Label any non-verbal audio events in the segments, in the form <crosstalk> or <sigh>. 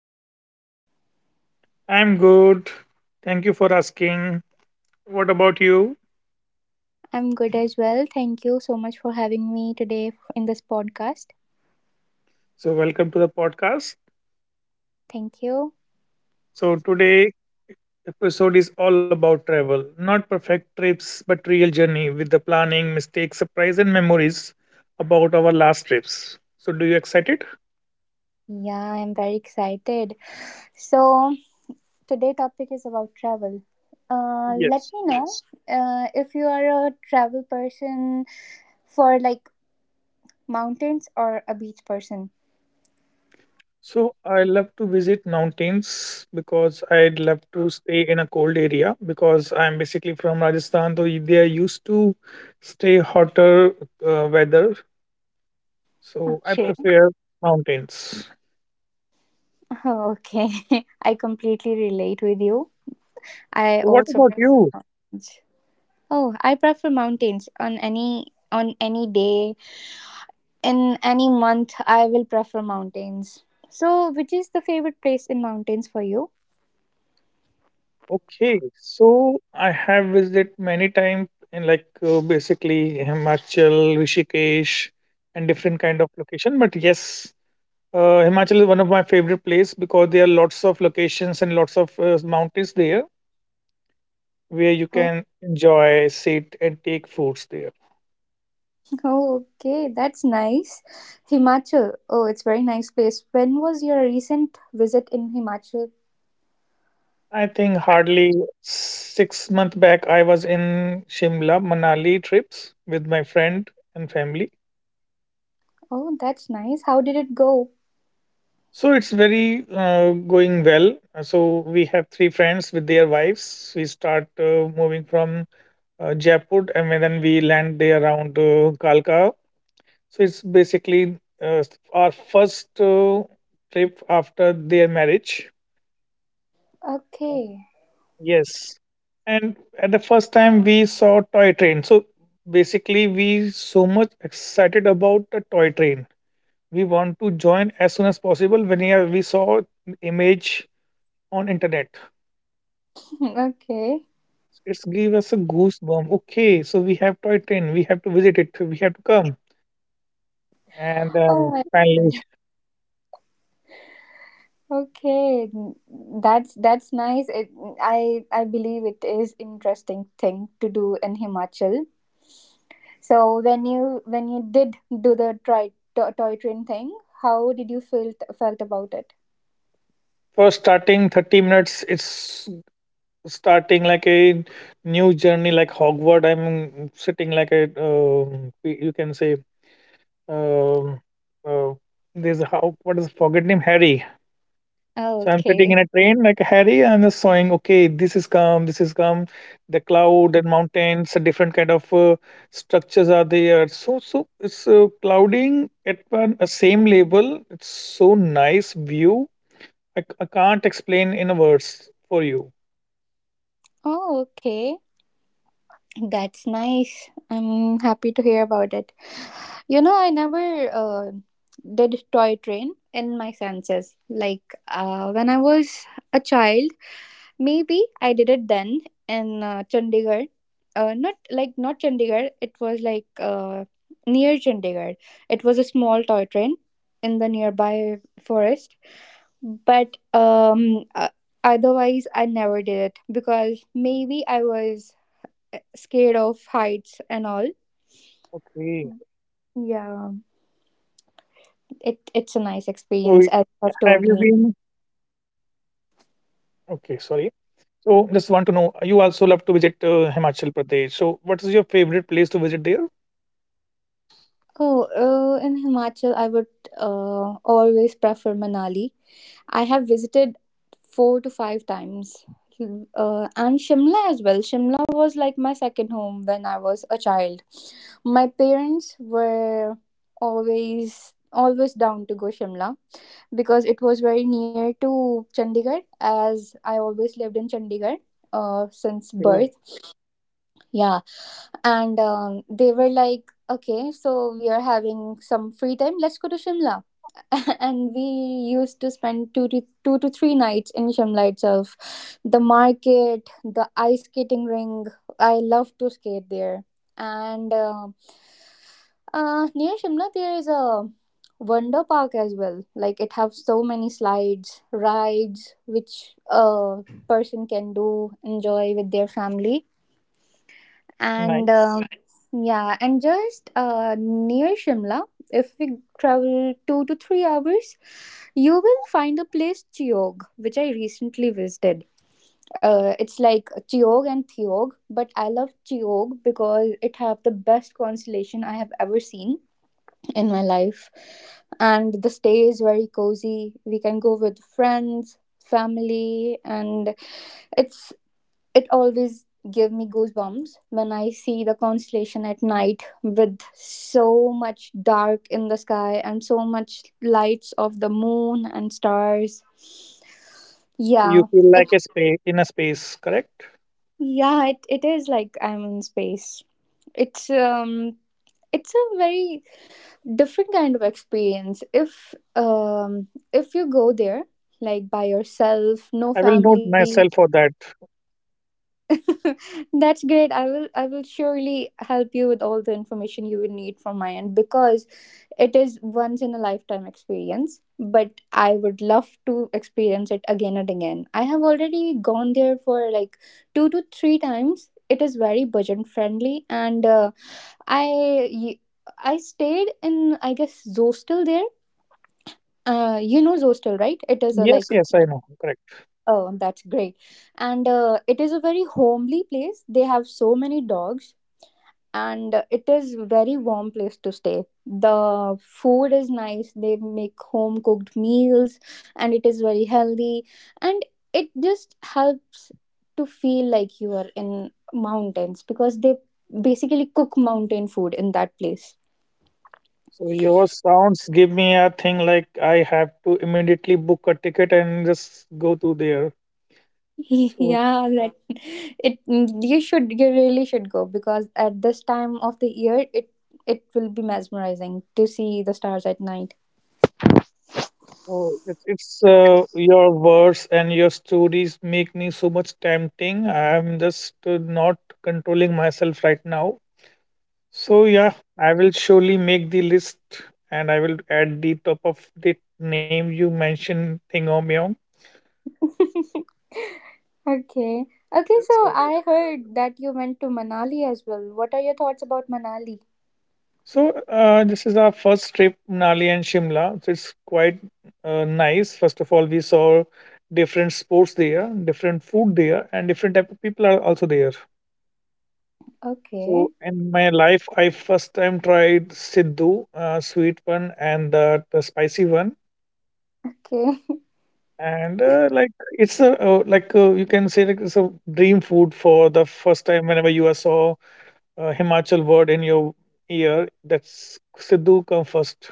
Parminder? I'm good. Thank you for asking. What about you? I'm good as well. Thank you so much for having me today in this podcast. So, welcome to the podcast. Thank you. So, today episode is all about travel, not perfect trips, but real journey with the planning, mistakes, surprise, and memories about our last trips. So, do you excited? Yeah, I'm very excited. So, today topic is about travel. Let Yes. me know. Yes. If you are a travel person for like mountains or a beach person. So, I love to visit mountains because I love to stay in a cold area because I'm basically from Rajasthan, so they are used to stay hotter weather. So I Okay. prefer mountains. Oh, okay. <laughs> I completely relate with you. I So what also about prefer you? mountains. Oh, I prefer mountains on any day, in any month I will prefer mountains. So which is the favorite place in mountains for you? Okay, so I have visited many times in like basically Himachal, Rishikesh, and different kind of location. But yes, Himachal is one of my favorite place because there are lots of locations and lots of mountains there where you <laughs> oh, can enjoy, sit, and take foods there. oh, okay, that's nice. Himachal, oh, it's very nice place. When was your recent visit in Himachal? I think hardly 6 months back I was in Shimla, Manali trips with my friend and family. Oh, that's nice. How did it go? So it's very going well. So we have three friends with their wives. We start moving from Jaipur and then we land there around Kalka. So it's basically our first trip after their marriage. Okay. Yes. And at the first time we saw toy train. So basically we so much excited about the toy train. We want to join as soon as possible when we saw image on internet. <laughs> Okay. It's give us a goosebump. Okay, so we have toy train. We have to visit it. We have to come. And Oh then my finally, god. okay n- that's nice. It, i i believe it is interesting thing to do in Himachal. So when you did do the tri- to- toy train thing, how did you felt felt about it? for starting 30 minutes, it's starting like a new journey, like Hogwarts. I'm sitting like a, you can say, um, uh, there's a, how, what is the forget name? Harry. So I'm sitting Okay. in a train like Harry, and I'm just saying, okay, this is calm, this is calm. The cloud and mountains, a different kind of structures are there. So it's clouding at one a same level. It's so nice view. I, I can't explain in a words for you. Oh, okay. That's nice. I'm happy to hear about it. You know, I never did toy train in my senses. Like when I was a child. Maybe I did it then in Chandigarh. Not like not Chandigarh. It was like near Chandigarh. It was a small toy train in the nearby forest. But otherwise, I never did it because maybe I was scared of heights and all. Okay. Yeah, So it's a have nice you been? experience, as you have told me. Okay, sorry. So just want to know, you also love to visit Himachal Pradesh. So what is your favorite place to visit there? Oh, in Himachal, I would always prefer Manali. I have visited 4 to 5 times. Hmm. And Shimla as well. Shimla was like my second home when I was a child. My parents were always down to go Shimla because it was very near to Chandigarh, as I always lived in Chandigarh since Okay, birth. Yeah, and they were like, okay, so we are having some free time. Let's go to Shimla, and we used to spend two to three nights in Shimla itself. The market, the ice skating ring. I love to skate there. And near Shimla there is a wonder park as well. Like it have so many slides, rides which a person can do enjoy with their family. And nice. um, yeah, and just near Shimla, if we travel 2 to 3 hours, you will find a place Chiog, which I recently visited. It's like Chiog and Theog, but I love Chiog because it have the best constellation I have ever seen in my life. And the stay is very cozy. We can go with friends, family, and it's it always give me goosebumps when I see the constellation at night with so much dark in the sky and so much lights of the moon and stars. You Yeah, feel it like a space in a space, correct. yeah, it is like I'm in space. It's um it's a very different kind of experience if you go there like by yourself, no I will note family. myself for that. <laughs> That's great. I will surely help you with all the information you would need from my end, because it is once in a lifetime experience, but I would love to experience it again and again. I have already gone there for like 2 to 3 times. It is very budget friendly and I I stayed in I guess Zostel there. You know Zostel, right? It is a Yes, like. yes, I know, correct. Oh, that's great, and it is a very homely place. They have so many dogs, and it is very warm place to stay. The food is nice, they make home cooked meals, and it is very healthy, and it just helps to feel like you are in mountains because they basically cook mountain food in that place. So your sounds give me a thing like I have to immediately book a ticket and just go to there. <laughs> So yeah that it You should, you really should go, because at this time of the year it will be mesmerizing to see the stars at night. oh, it's your words and your stories make me so much tempting. I'm just not controlling myself right now. So yeah, I will surely make the list, and I will add the top of the name you mentioned, thingomyong. <laughs> Okay. Okay, so I heard that you went to Manali as well. What are your thoughts about Manali? So this is our first trip, Nali and Shimla. So it's quite nice. First of all, we saw different sports there, different food there, and different type of people are also there. So Okay. in my life, I first time tried Siddhu, sweet one, and the spicy one. Okay. <laughs> And like it's a like you can say like it's a dream food for the first time whenever you are saw Himachal word in your ear. That's Siddhu come first.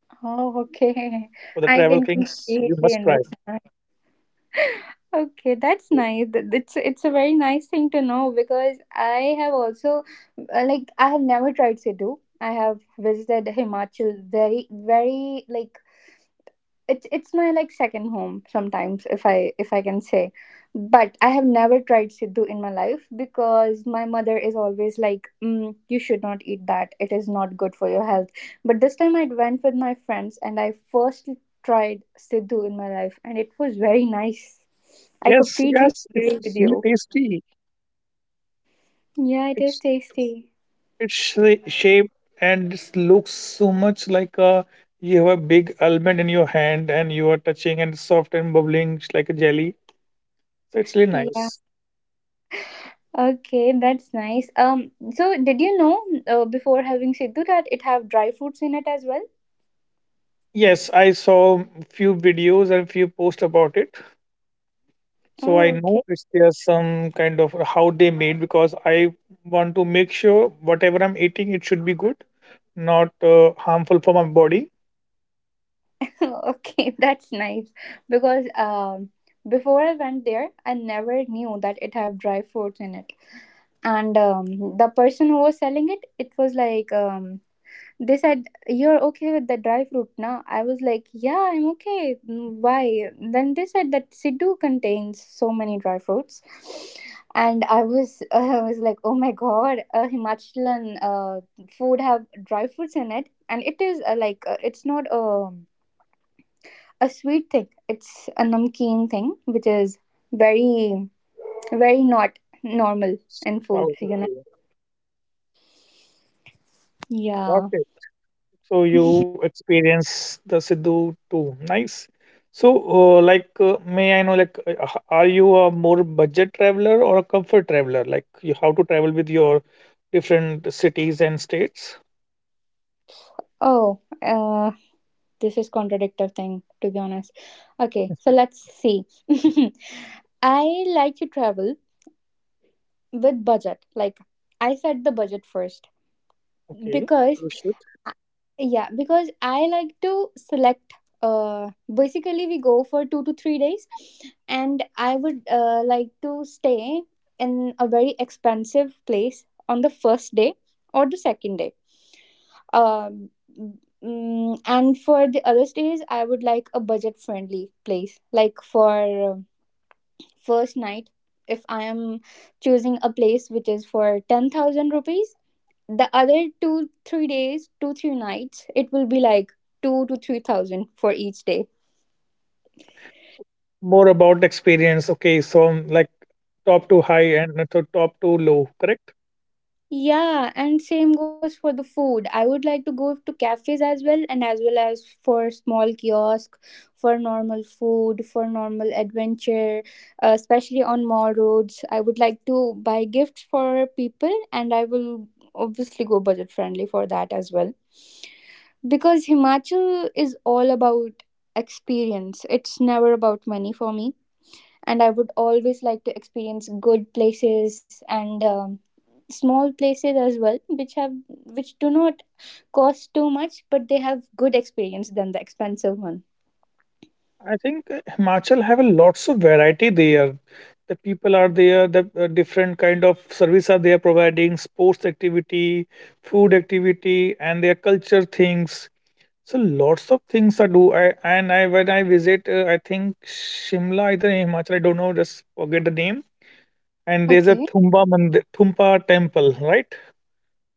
For the travel Oh, things, okay. you must I try. can completely understand. <laughs> Okay, So, that's nice. It's a very nice thing to know, because I have also I have never tried Sidhu. I have visited Himachal very like it's my like second home sometimes, if I can say, but I have never tried siddhu in my life because my mother is always like, mm, you should not eat that, it is not good for your health. But this time I went with my friends and I first tried siddhu in my life, and it was very nice. I yes, completely yes, agree it's with really you. tasty. Yeah, it is it's tasty. it's shape and it looks so much like a you have a big almond in your hand and you are touching and soft and bubbling just like a jelly. So it's really Yeah, nice. okay, that's nice. So did you know before having siddhu that it have dry fruits in it as well? Yes, I saw few videos and few posts about it. So I Oh, know okay. it's there's some kind of how they made because I want to make sure whatever I'm eating it should be good, not harmful for my body. <laughs> Okay, that's nice, because before I went there, I never knew that it have dry fruits in it. And The person who was selling it, it was like they said, "You're okay with the dry fruit now?" I was like, "Yeah, I'm okay. Mm, why?" Then they said that Sidhu contains so many dry fruits, and I was <laughs> I was like, "Oh my god, Himachalan food have dry fruits in it." And it is it's not a sweet thing. It's a namkeen thing, which is very, very not normal in Oh, foods, you know. okay. Yeah. Okay. So you experience the Sidhu too. Nice. So, like, may I know, like, are you a more budget traveler or a comfort traveler? Like, you how to travel with your different cities and states? Oh, this is contradictive thing to be honest. Okay, so <laughs> let's see. <laughs> I like to travel with budget. Like I said the budget first Okay, because we should I like to select uh basically we go for 2 to 3 days, and I would like to stay in a very expensive place on the first day or the second day um and for the other days I would like a budget friendly place. Like for first night, if I am choosing a place which is for 10,000 rupees, the other 2 3 days, 2 3 nights it will be like 2 to 3 thousand for each day. more about experience. Okay, so like top to high and to top to low, correct? Yeah, and same goes for the food. I would like to go to cafes as well, and as well as for small kiosk for normal food, for normal adventure. Especially on mall roads, I would like to buy gifts for people, and I will obviously go budget friendly for that as well. Because Himachal is all about experience, it's never about money for me. And I would always like to experience good places, and small places as well, which have which do not cost too much, but they have good experience than the expensive one. I think Himachal have a lots of variety there. The people are there. The different kind of service are they are providing sports activity, food activity, and their culture things. So lots of things I do. I and I when I visit, I think Shimla either in Himachal. I don't know. Just forget the name. And there's a Okay. Thumba Mandir, Thumpa temple, right?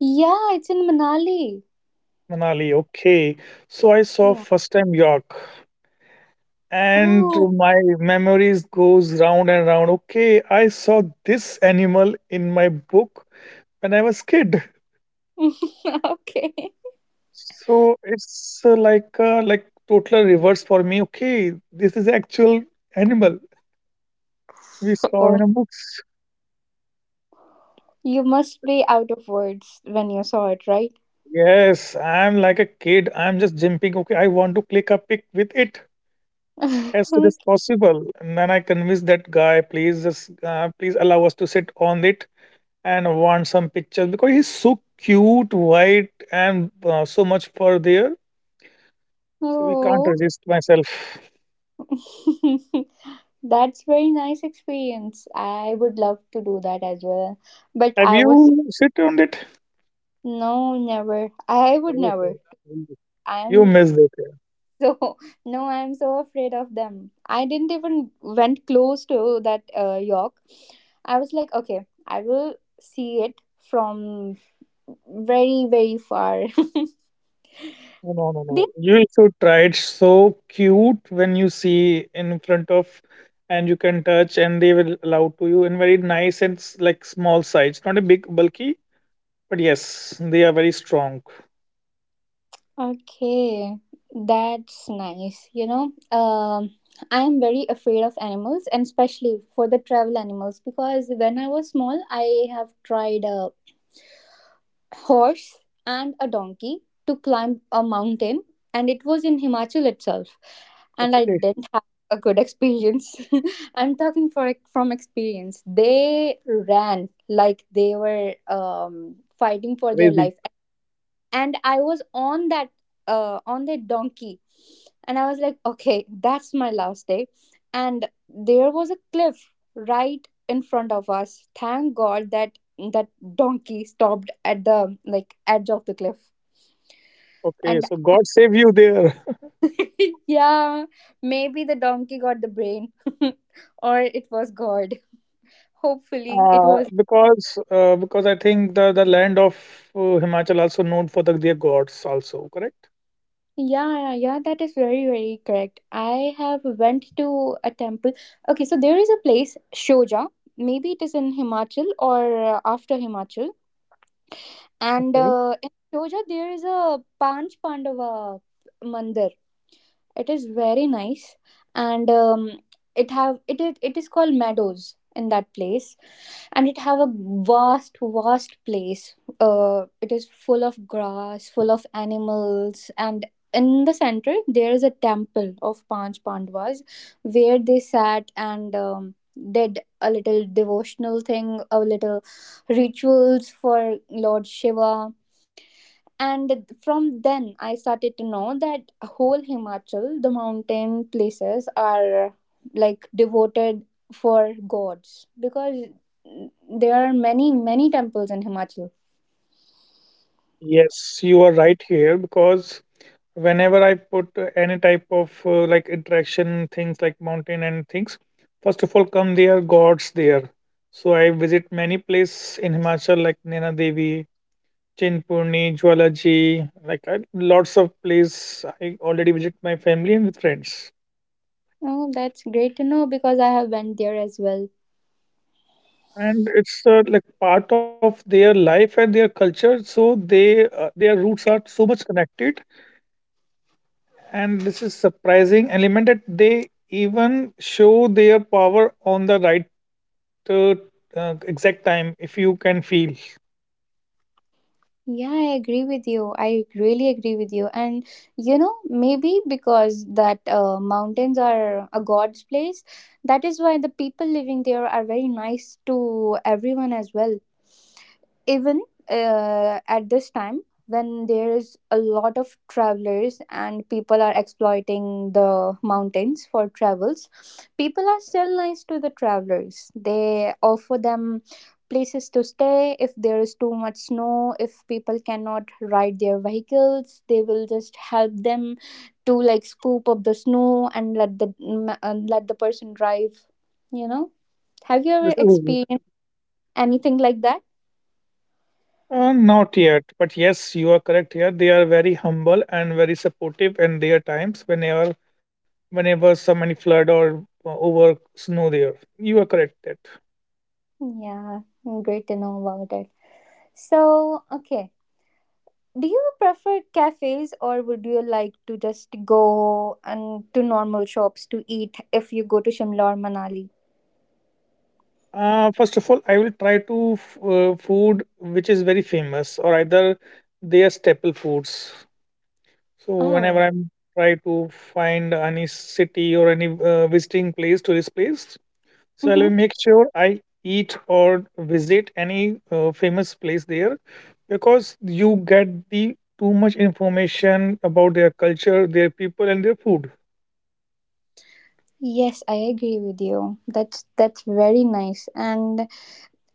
Yeah, it's in Manali. Manali. Okay. So I saw Yeah. first time York, and Oh. my memories goes round and round. Okay, I saw this animal in my book when I was kid. <laughs> Okay. So it's like total reverse for me. Okay, this is actual animal we saw Oh, in a books. you must be out of words when you saw it, right? Yes, I'm like a kid. I'm just jumping. Okay, I want to click a pic with it as <laughs> soon Like, as possible. And then I convinced that guy, please just please allow us to sit on it and want some pictures because he's so cute, white, and so much fur there. So we can't oh. resist myself. <laughs> That's very nice experience. I would love to do that as well. But Have I was you sit on it? no, never. I would Oh, never. you missed I'm it. Yeah. so <laughs> no, I'm so afraid of them. I didn't even went close to that York. I was like, okay, I will see it from very far. No, no, no, <laughs> they. no. You should try. It's so cute when you see in front of, and you can touch, and they will allow to you in very nice and like small size. Not a big bulky, but yes, they are very strong. Okay, that's nice. You know, I am very afraid of animals, and especially for the travel animals, because when I was small, I have tried a horse and a donkey to climb a mountain, and it was in Himachal itself, and I Okay, didn't have a good experience. <laughs> I'm talking for from experience. They ran like they were fighting for their crazy. life, and I was on that on that donkey, and I was like, okay, that's my last day. And there was a cliff right in front of us. Thank God that that donkey stopped at the like edge of the cliff. Okay, And so God save you there. <laughs> <laughs> yeah, maybe the donkey got the brain, <laughs> or it was God. Hopefully, it was. Because I think the land of Himachal also known for the, their gods also correct. Yeah, yeah, yeah, that is very, very correct. I have went to a temple. Okay, so there is a place, Shoja. Maybe it is in Himachal or after Himachal. And Okay. In Shoja, there is a Panch Pandava mandir. It is very nice, and it is called meadows in that place, and it have a vast place. It is full of grass, full of animals, and in the center there is a temple of Panch Pandavas where they sat and did a little devotional thing, a little rituals for Lord Shiva. And from then I started to know that whole Himachal, the mountain places are like devoted for gods, because there are many temples in Himachal. Yes, you are right here because whenever I put any type of like interaction things like mountain and things, first of all come their gods there. So I visit many places in Himachal like Nena Devi, Chinpurni, Jwalaji, like I, lots of places. I already visit my family and with friends. Oh, that's great to know, because I have went there as well. And it's like part of their life and their culture, so they their roots are so much connected, and this is surprising element that they even show their power on the right uh, exact time if you can feel. Yeah, I agree with you, I really agree with you. And you know, maybe because that mountains are a god's place, that is why the people living there are very nice to everyone as well. Even at this time, when there is a lot of travelers and people are exploiting the mountains for travels, people are still nice to the travelers. They offer them places to stay. If there is too much snow, if people cannot ride their vehicles, they will just help them to, like, scoop up the snow and let the let the person drive, you know. Have you ever This is experienced anything like that? Not yet, but yes, you are correct here. They are very humble and very supportive in their times whenever, so many flood or over snow there, you are correct that. Yeah, great to know about it. So, okay, do you prefer cafes or would you like to just go and to normal shops to eat if you go to Shimla or Manali? First of all, I will try to food which is very famous or either they are staple foods. So whenever Oh. I'm try to find any city or any visiting place, tourist place, so I'll Mm-hmm. make sure I eat or visit any famous place there because you get the too much information about their culture, their people, and their food. Yes, I agree with you. That's very nice. And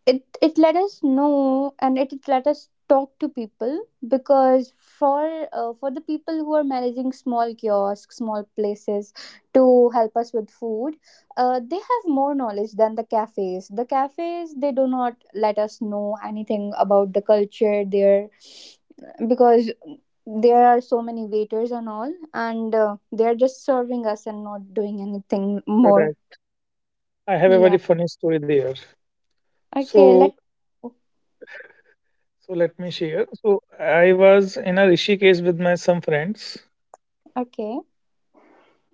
it let us know, and it let us talk to people, because for the people who are managing small kiosks, small places to help us with food, they have more knowledge than the cafes. The cafes, they do not let us know anything about the culture there, because there are so many waiters and all, and they are just serving us and not doing anything more. Correct. I have a very Yeah. funny story there. Okay, So let— So let me share. So I was in a Rishikesh with my some friends, okay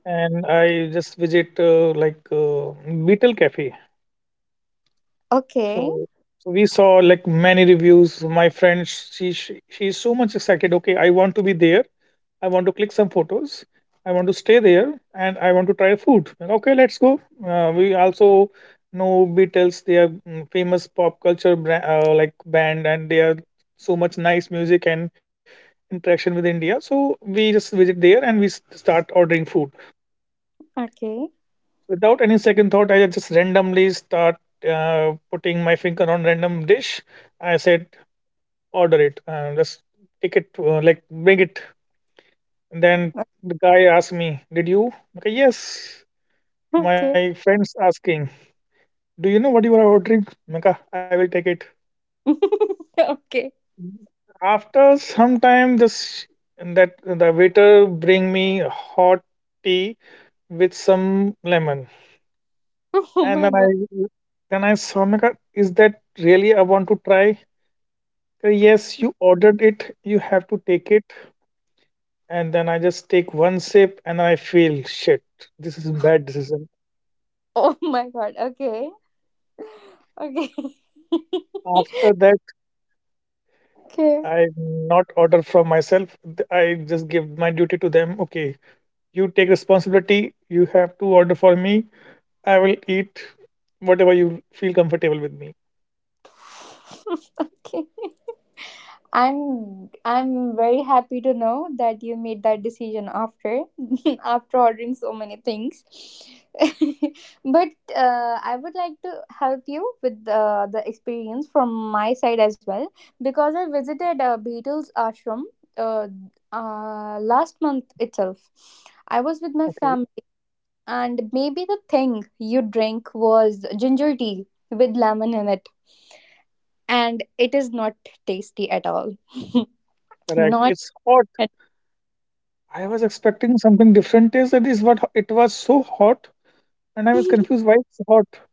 and I just visit like Beetle Cafe. okay. So so we saw like many reviews. My friend, she's so much excited. Okay, I want to be there. I want to click some photos. I want to stay there, and I want to try food. Okay, let's go. We also know Beatles. They are mm, famous pop culture brand, like band, and they are so much nice music and interaction with India. So we just visit there and we start ordering food Okay. without any second thought. I just randomly start putting my finger on random dish. I said, "Order it. Just take it. Like bring it." And then the guy asked me, "Did you?" Okay, yes. My Okay. friends asking, "Do you know what you are ordering?" Maka, I will take it. <laughs> Okay. After some time, this that the waiter bring me hot tea with some lemon. Oh And my god. Then I saw, my God, is that really I want to try? Yes, you ordered it, you have to take it. And then I just take one sip and I feel shit. This is bad decision. Oh my god. Okay. Okay. <laughs> After that, Okay. I not order from myself. I just give my duty to them. Okay, you take responsibility. You have to order for me. I will eat whatever you feel comfortable with me. <laughs> Okay. I'm very happy to know that you made that decision after <laughs> after ordering so many things. <laughs> But I would like to help you with the experience from my side as well, because I visited a Beatles ashram, uh, last month itself. I was with my Okay, family, and maybe the thing you drink was ginger tea with lemon in it, and it is not tasty at all. <laughs> correct. Not It's hot. at— I was expecting something different. Is that is what it was so hot. And I was confused why it's hot.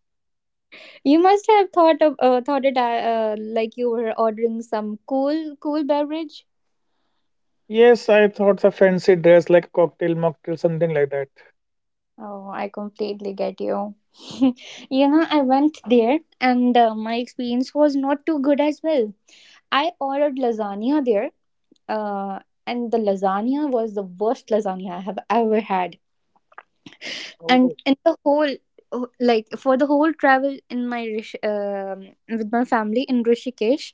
you must have thought of thought it like you were ordering some cool beverage. Yes, I thought a fancy dress like cocktail, mocktail, something like that. Oh, I completely get you. <laughs> You know, I went there, and my experience was not too good as well. I ordered lasagna there, uh, and the lasagna was the worst lasagna I have ever had. And Oh, in the whole— oh, like, for the whole travel in my with my family in Rishikesh,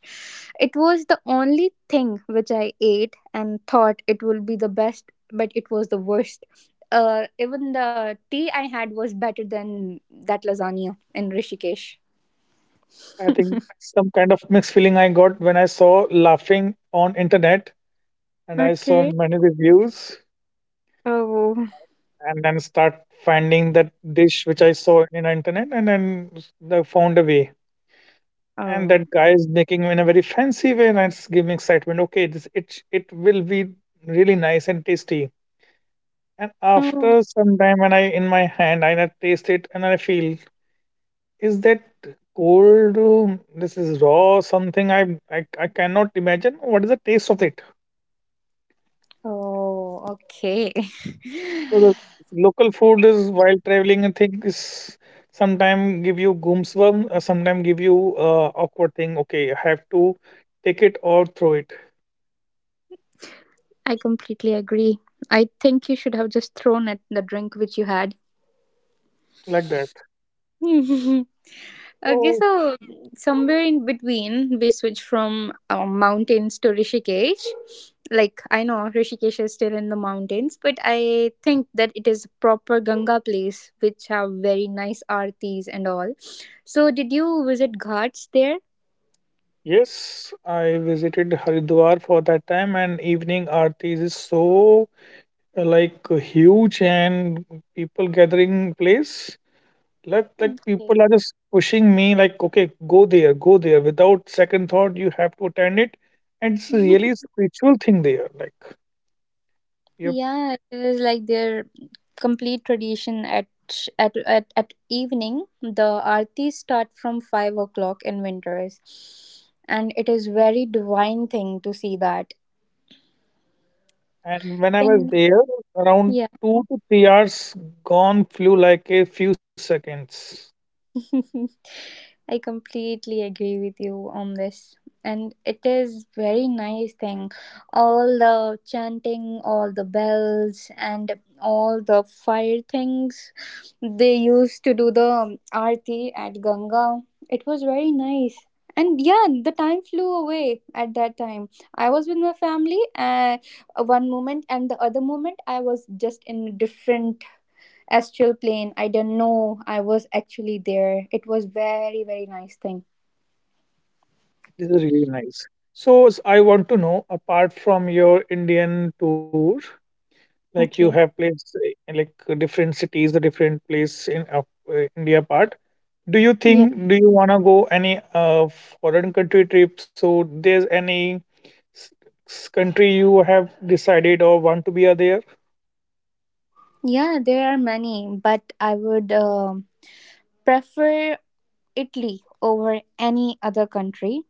it was the only thing which I ate and thought it will be the best, but it was the worst. Even the tea I had was better than that lasagna in Rishikesh. I think some kind of mixed feeling I got when I saw laughing on internet and I saw Okay. many reviews Oh. and then start finding that dish which I saw in internet and then the found a way. And Oh. that guy is making in a very fancy way and it's giving excitement. Okay, this it it will be really nice and tasty. And Oh. after some time when I in my hand I taste it and I feel, is that cold? This is raw something. I cannot imagine. What is the taste of it? Oh, okay. So the local food is while traveling. I think is sometime give you goosebumps. Sometime give you awkward thing. Okay, I have to take it or throw it <laughs> I completely agree. I think you should have just thrown at the drink which you had. like that. <laughs> Okay, So so somewhere in between, we switch from mountains to Rishikesh. Like, I know Rishikesh is still in the mountains, but I think that it is a proper Ganga place, which have very nice artis and all. So, did you visit ghats there? yes, I visited Haridwar for that time, and evening aarti is so like huge and people gathering place like Okay. people are just pushing me like okay go there go there without second thought you have to attend it. And it's really <laughs> a spiritual thing there, like yep. Yeah, it is like their complete tradition at at evening. The aartis start from 5 o'clock in winters, and it is very divine thing to see that. And when I was And there around yeah. 2 to 3 hours, gone flew like a few seconds. <laughs> I completely agree with you on this. And it is very nice thing. All the chanting, all the bells, and all the fire things. They used to do the arti at Ganga. It was very nice. And yeah, the time flew away at that time. I was with my family one moment, and the other moment I was just in a different astral plane. I didn't know I was actually there. It was very very nice thing. This is really nice. So I want to know, apart from your Indian tour, like you have Okay. placed in, like different cities, the different place in India part. Do you Yeah. think do you wanna go any foreign country trip? So there's any s- country you have decided or want to be are there? Yeah, there are many, but I would prefer Italy over any other country,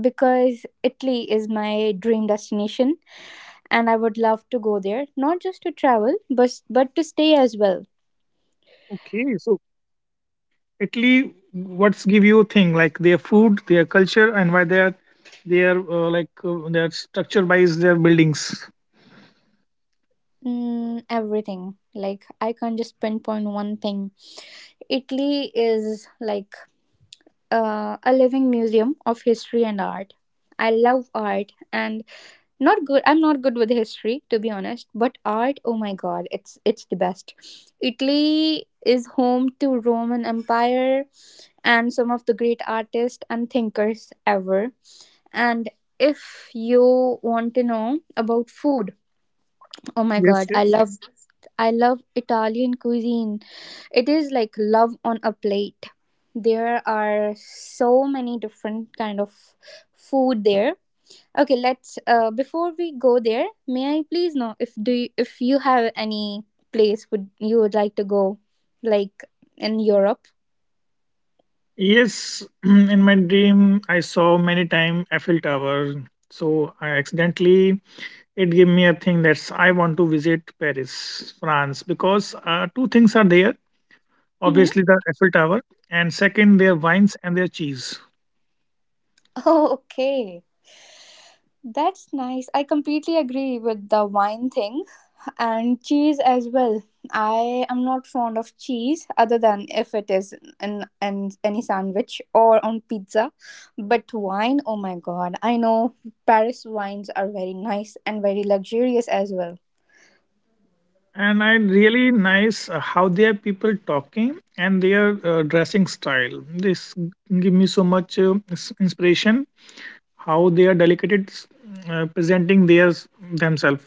because Italy is my dream destination, and I would love to go there, not just to travel, but to stay as well. Okay, so Italy, what's give you a thing like their food, their culture, and why they're their like their structure wise their buildings. Mm, everything. Like, I can't just pinpoint one thing. Italy is like a living museum of history and art. I love art, and not good I'm not good with history to be honest, but art, oh my god, it's the best. Italy is home to Roman Empire and some of the great artists and thinkers ever. And if you want to know about food, oh my Yes, god, I yes. love— I love Italian cuisine. It is like love on a plate. There are so many different kind of food there. Okay, let's before we go there, may I please know if if you have any place would you would like to go, like, in Europe? Yes, <clears throat> in my dream I saw many time Eiffel Tower. So I accidentally it gave me a thing that's I want to visit Paris, France, because two things are there. Mm-hmm. Obviously the Eiffel Tower, and second their wines and their cheese. <laughs> Oh, okay. That's nice. I completely agree with the wine thing. And cheese as well. I am not fond of cheese other than if it is in any sandwich or on pizza. But wine, oh my god, I know Paris wines are very nice and very luxurious as well. And I really nice how their people talking and their dressing style. This give me so much inspiration how they are delicate presenting their themselves.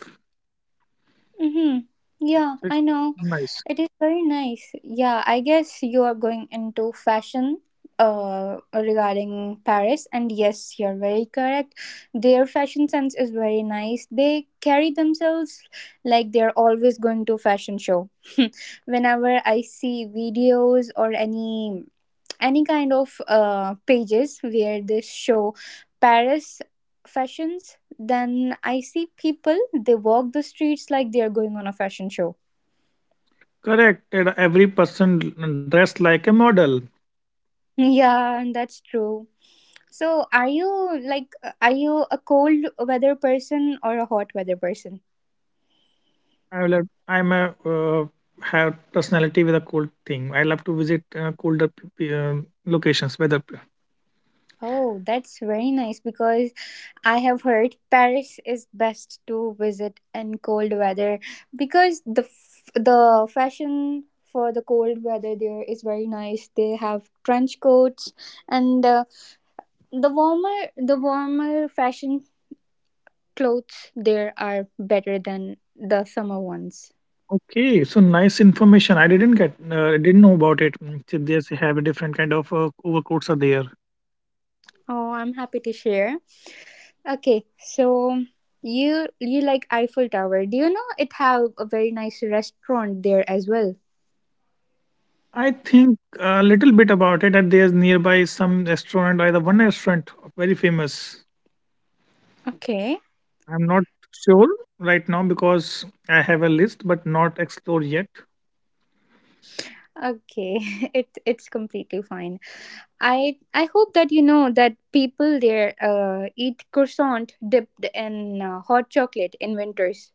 Mm-hmm. Yeah, It's I know. nice. It is very nice. Yeah, I guess you are going into fashion regarding Paris, and yes, you're very correct. Their fashion sense is very nice. They carry themselves like they're always going to a fashion show. <laughs> Whenever I see videos or any kind of pages where they show Paris fashions, then I see people they walk the streets like they are going on a fashion show. Correct, and every person dressed like a model. Yeah, that's true. So, are you like, are you a cold weather person or a hot weather person? I love. I'm a have personality with a cold thing. I love to visit colder locations. Weather. Oh, that's very nice, because I have heard Paris is best to visit in cold weather, because the fashion for the cold weather there is very nice. They have trench coats, and the warmer fashion clothes there are better than the summer ones. Okay, so nice information. I didn't get. I didn't know about it. So they have a different kind of overcoats are there. Oh, I'm happy to share. Okay, so you like Eiffel Tower. Do you know it have a very nice restaurant there as well? I think a little bit about it. That there's nearby some restaurant, either one restaurant very famous. Okay. I'm not sure right now because I have a list, but not explored yet. Okay. <laughs> It it's completely fine. I hope that you know that people there eat croissant dipped in hot chocolate in winters.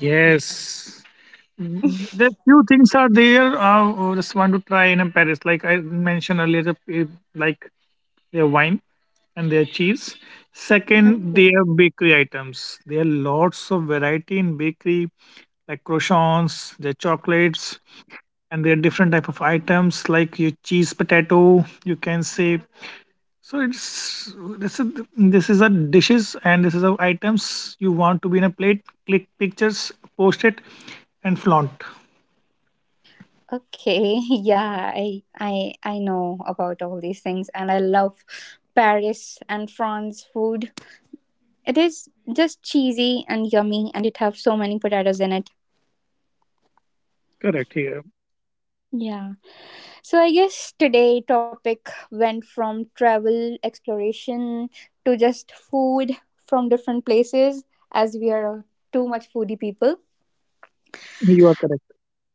Yes. Mhm. <laughs> There few things are there. Just want to try in a Paris. Like I mentioned earlier, the, like their wine and their cheese. Second, Okay. their bakery items. There are lots of variety in bakery, like croissants, their chocolates, and there are different type of items like your cheese potato. You can say so. It's this is a dishes and this is a items you want to be in a plate. Click pictures, post it, and flaunt. Okay, <laughs> yeah, I know about all these things, and I love Paris and France food. It is just cheesy and yummy, and it have so many potatoes in it. Correct here. Yeah. So I guess today topic went from travel exploration to just food from different places, as we are too much foodie people. You are correct.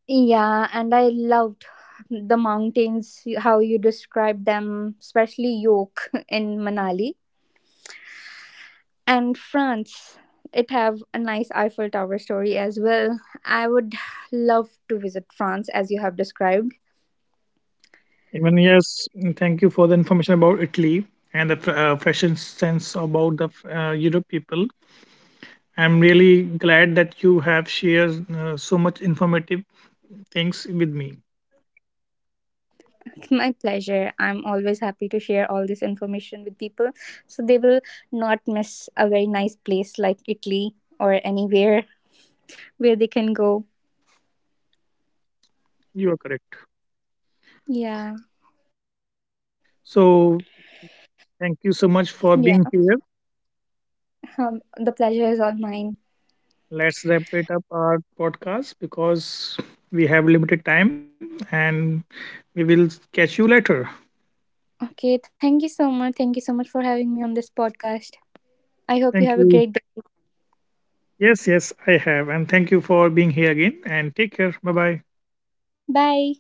Yeah, and I loved the mountains how you described them, especially York <laughs> in Manali. And France. It have a nice Eiffel Tower story as well. I would love to visit France as you have described. Even yes, thank you for the information about Italy and the fashion sense about the Europe people. I'm really glad that you have shared so much informative things with me. It's my pleasure. I'm always happy to share all this information with people so they will not miss a very nice place like Italy or anywhere where they can go. You are correct. Yeah. So thank you so Yeah. much for being here. The pleasure is all mine. Let's wrap it up our podcast because we have limited time and we will catch you later. Okay, thank you so much. Thank you so much for having me on this podcast. I hope you have a Thank you. great day. Yes, yes, I have. And thank you for being here again and take care. Bye bye. Bye.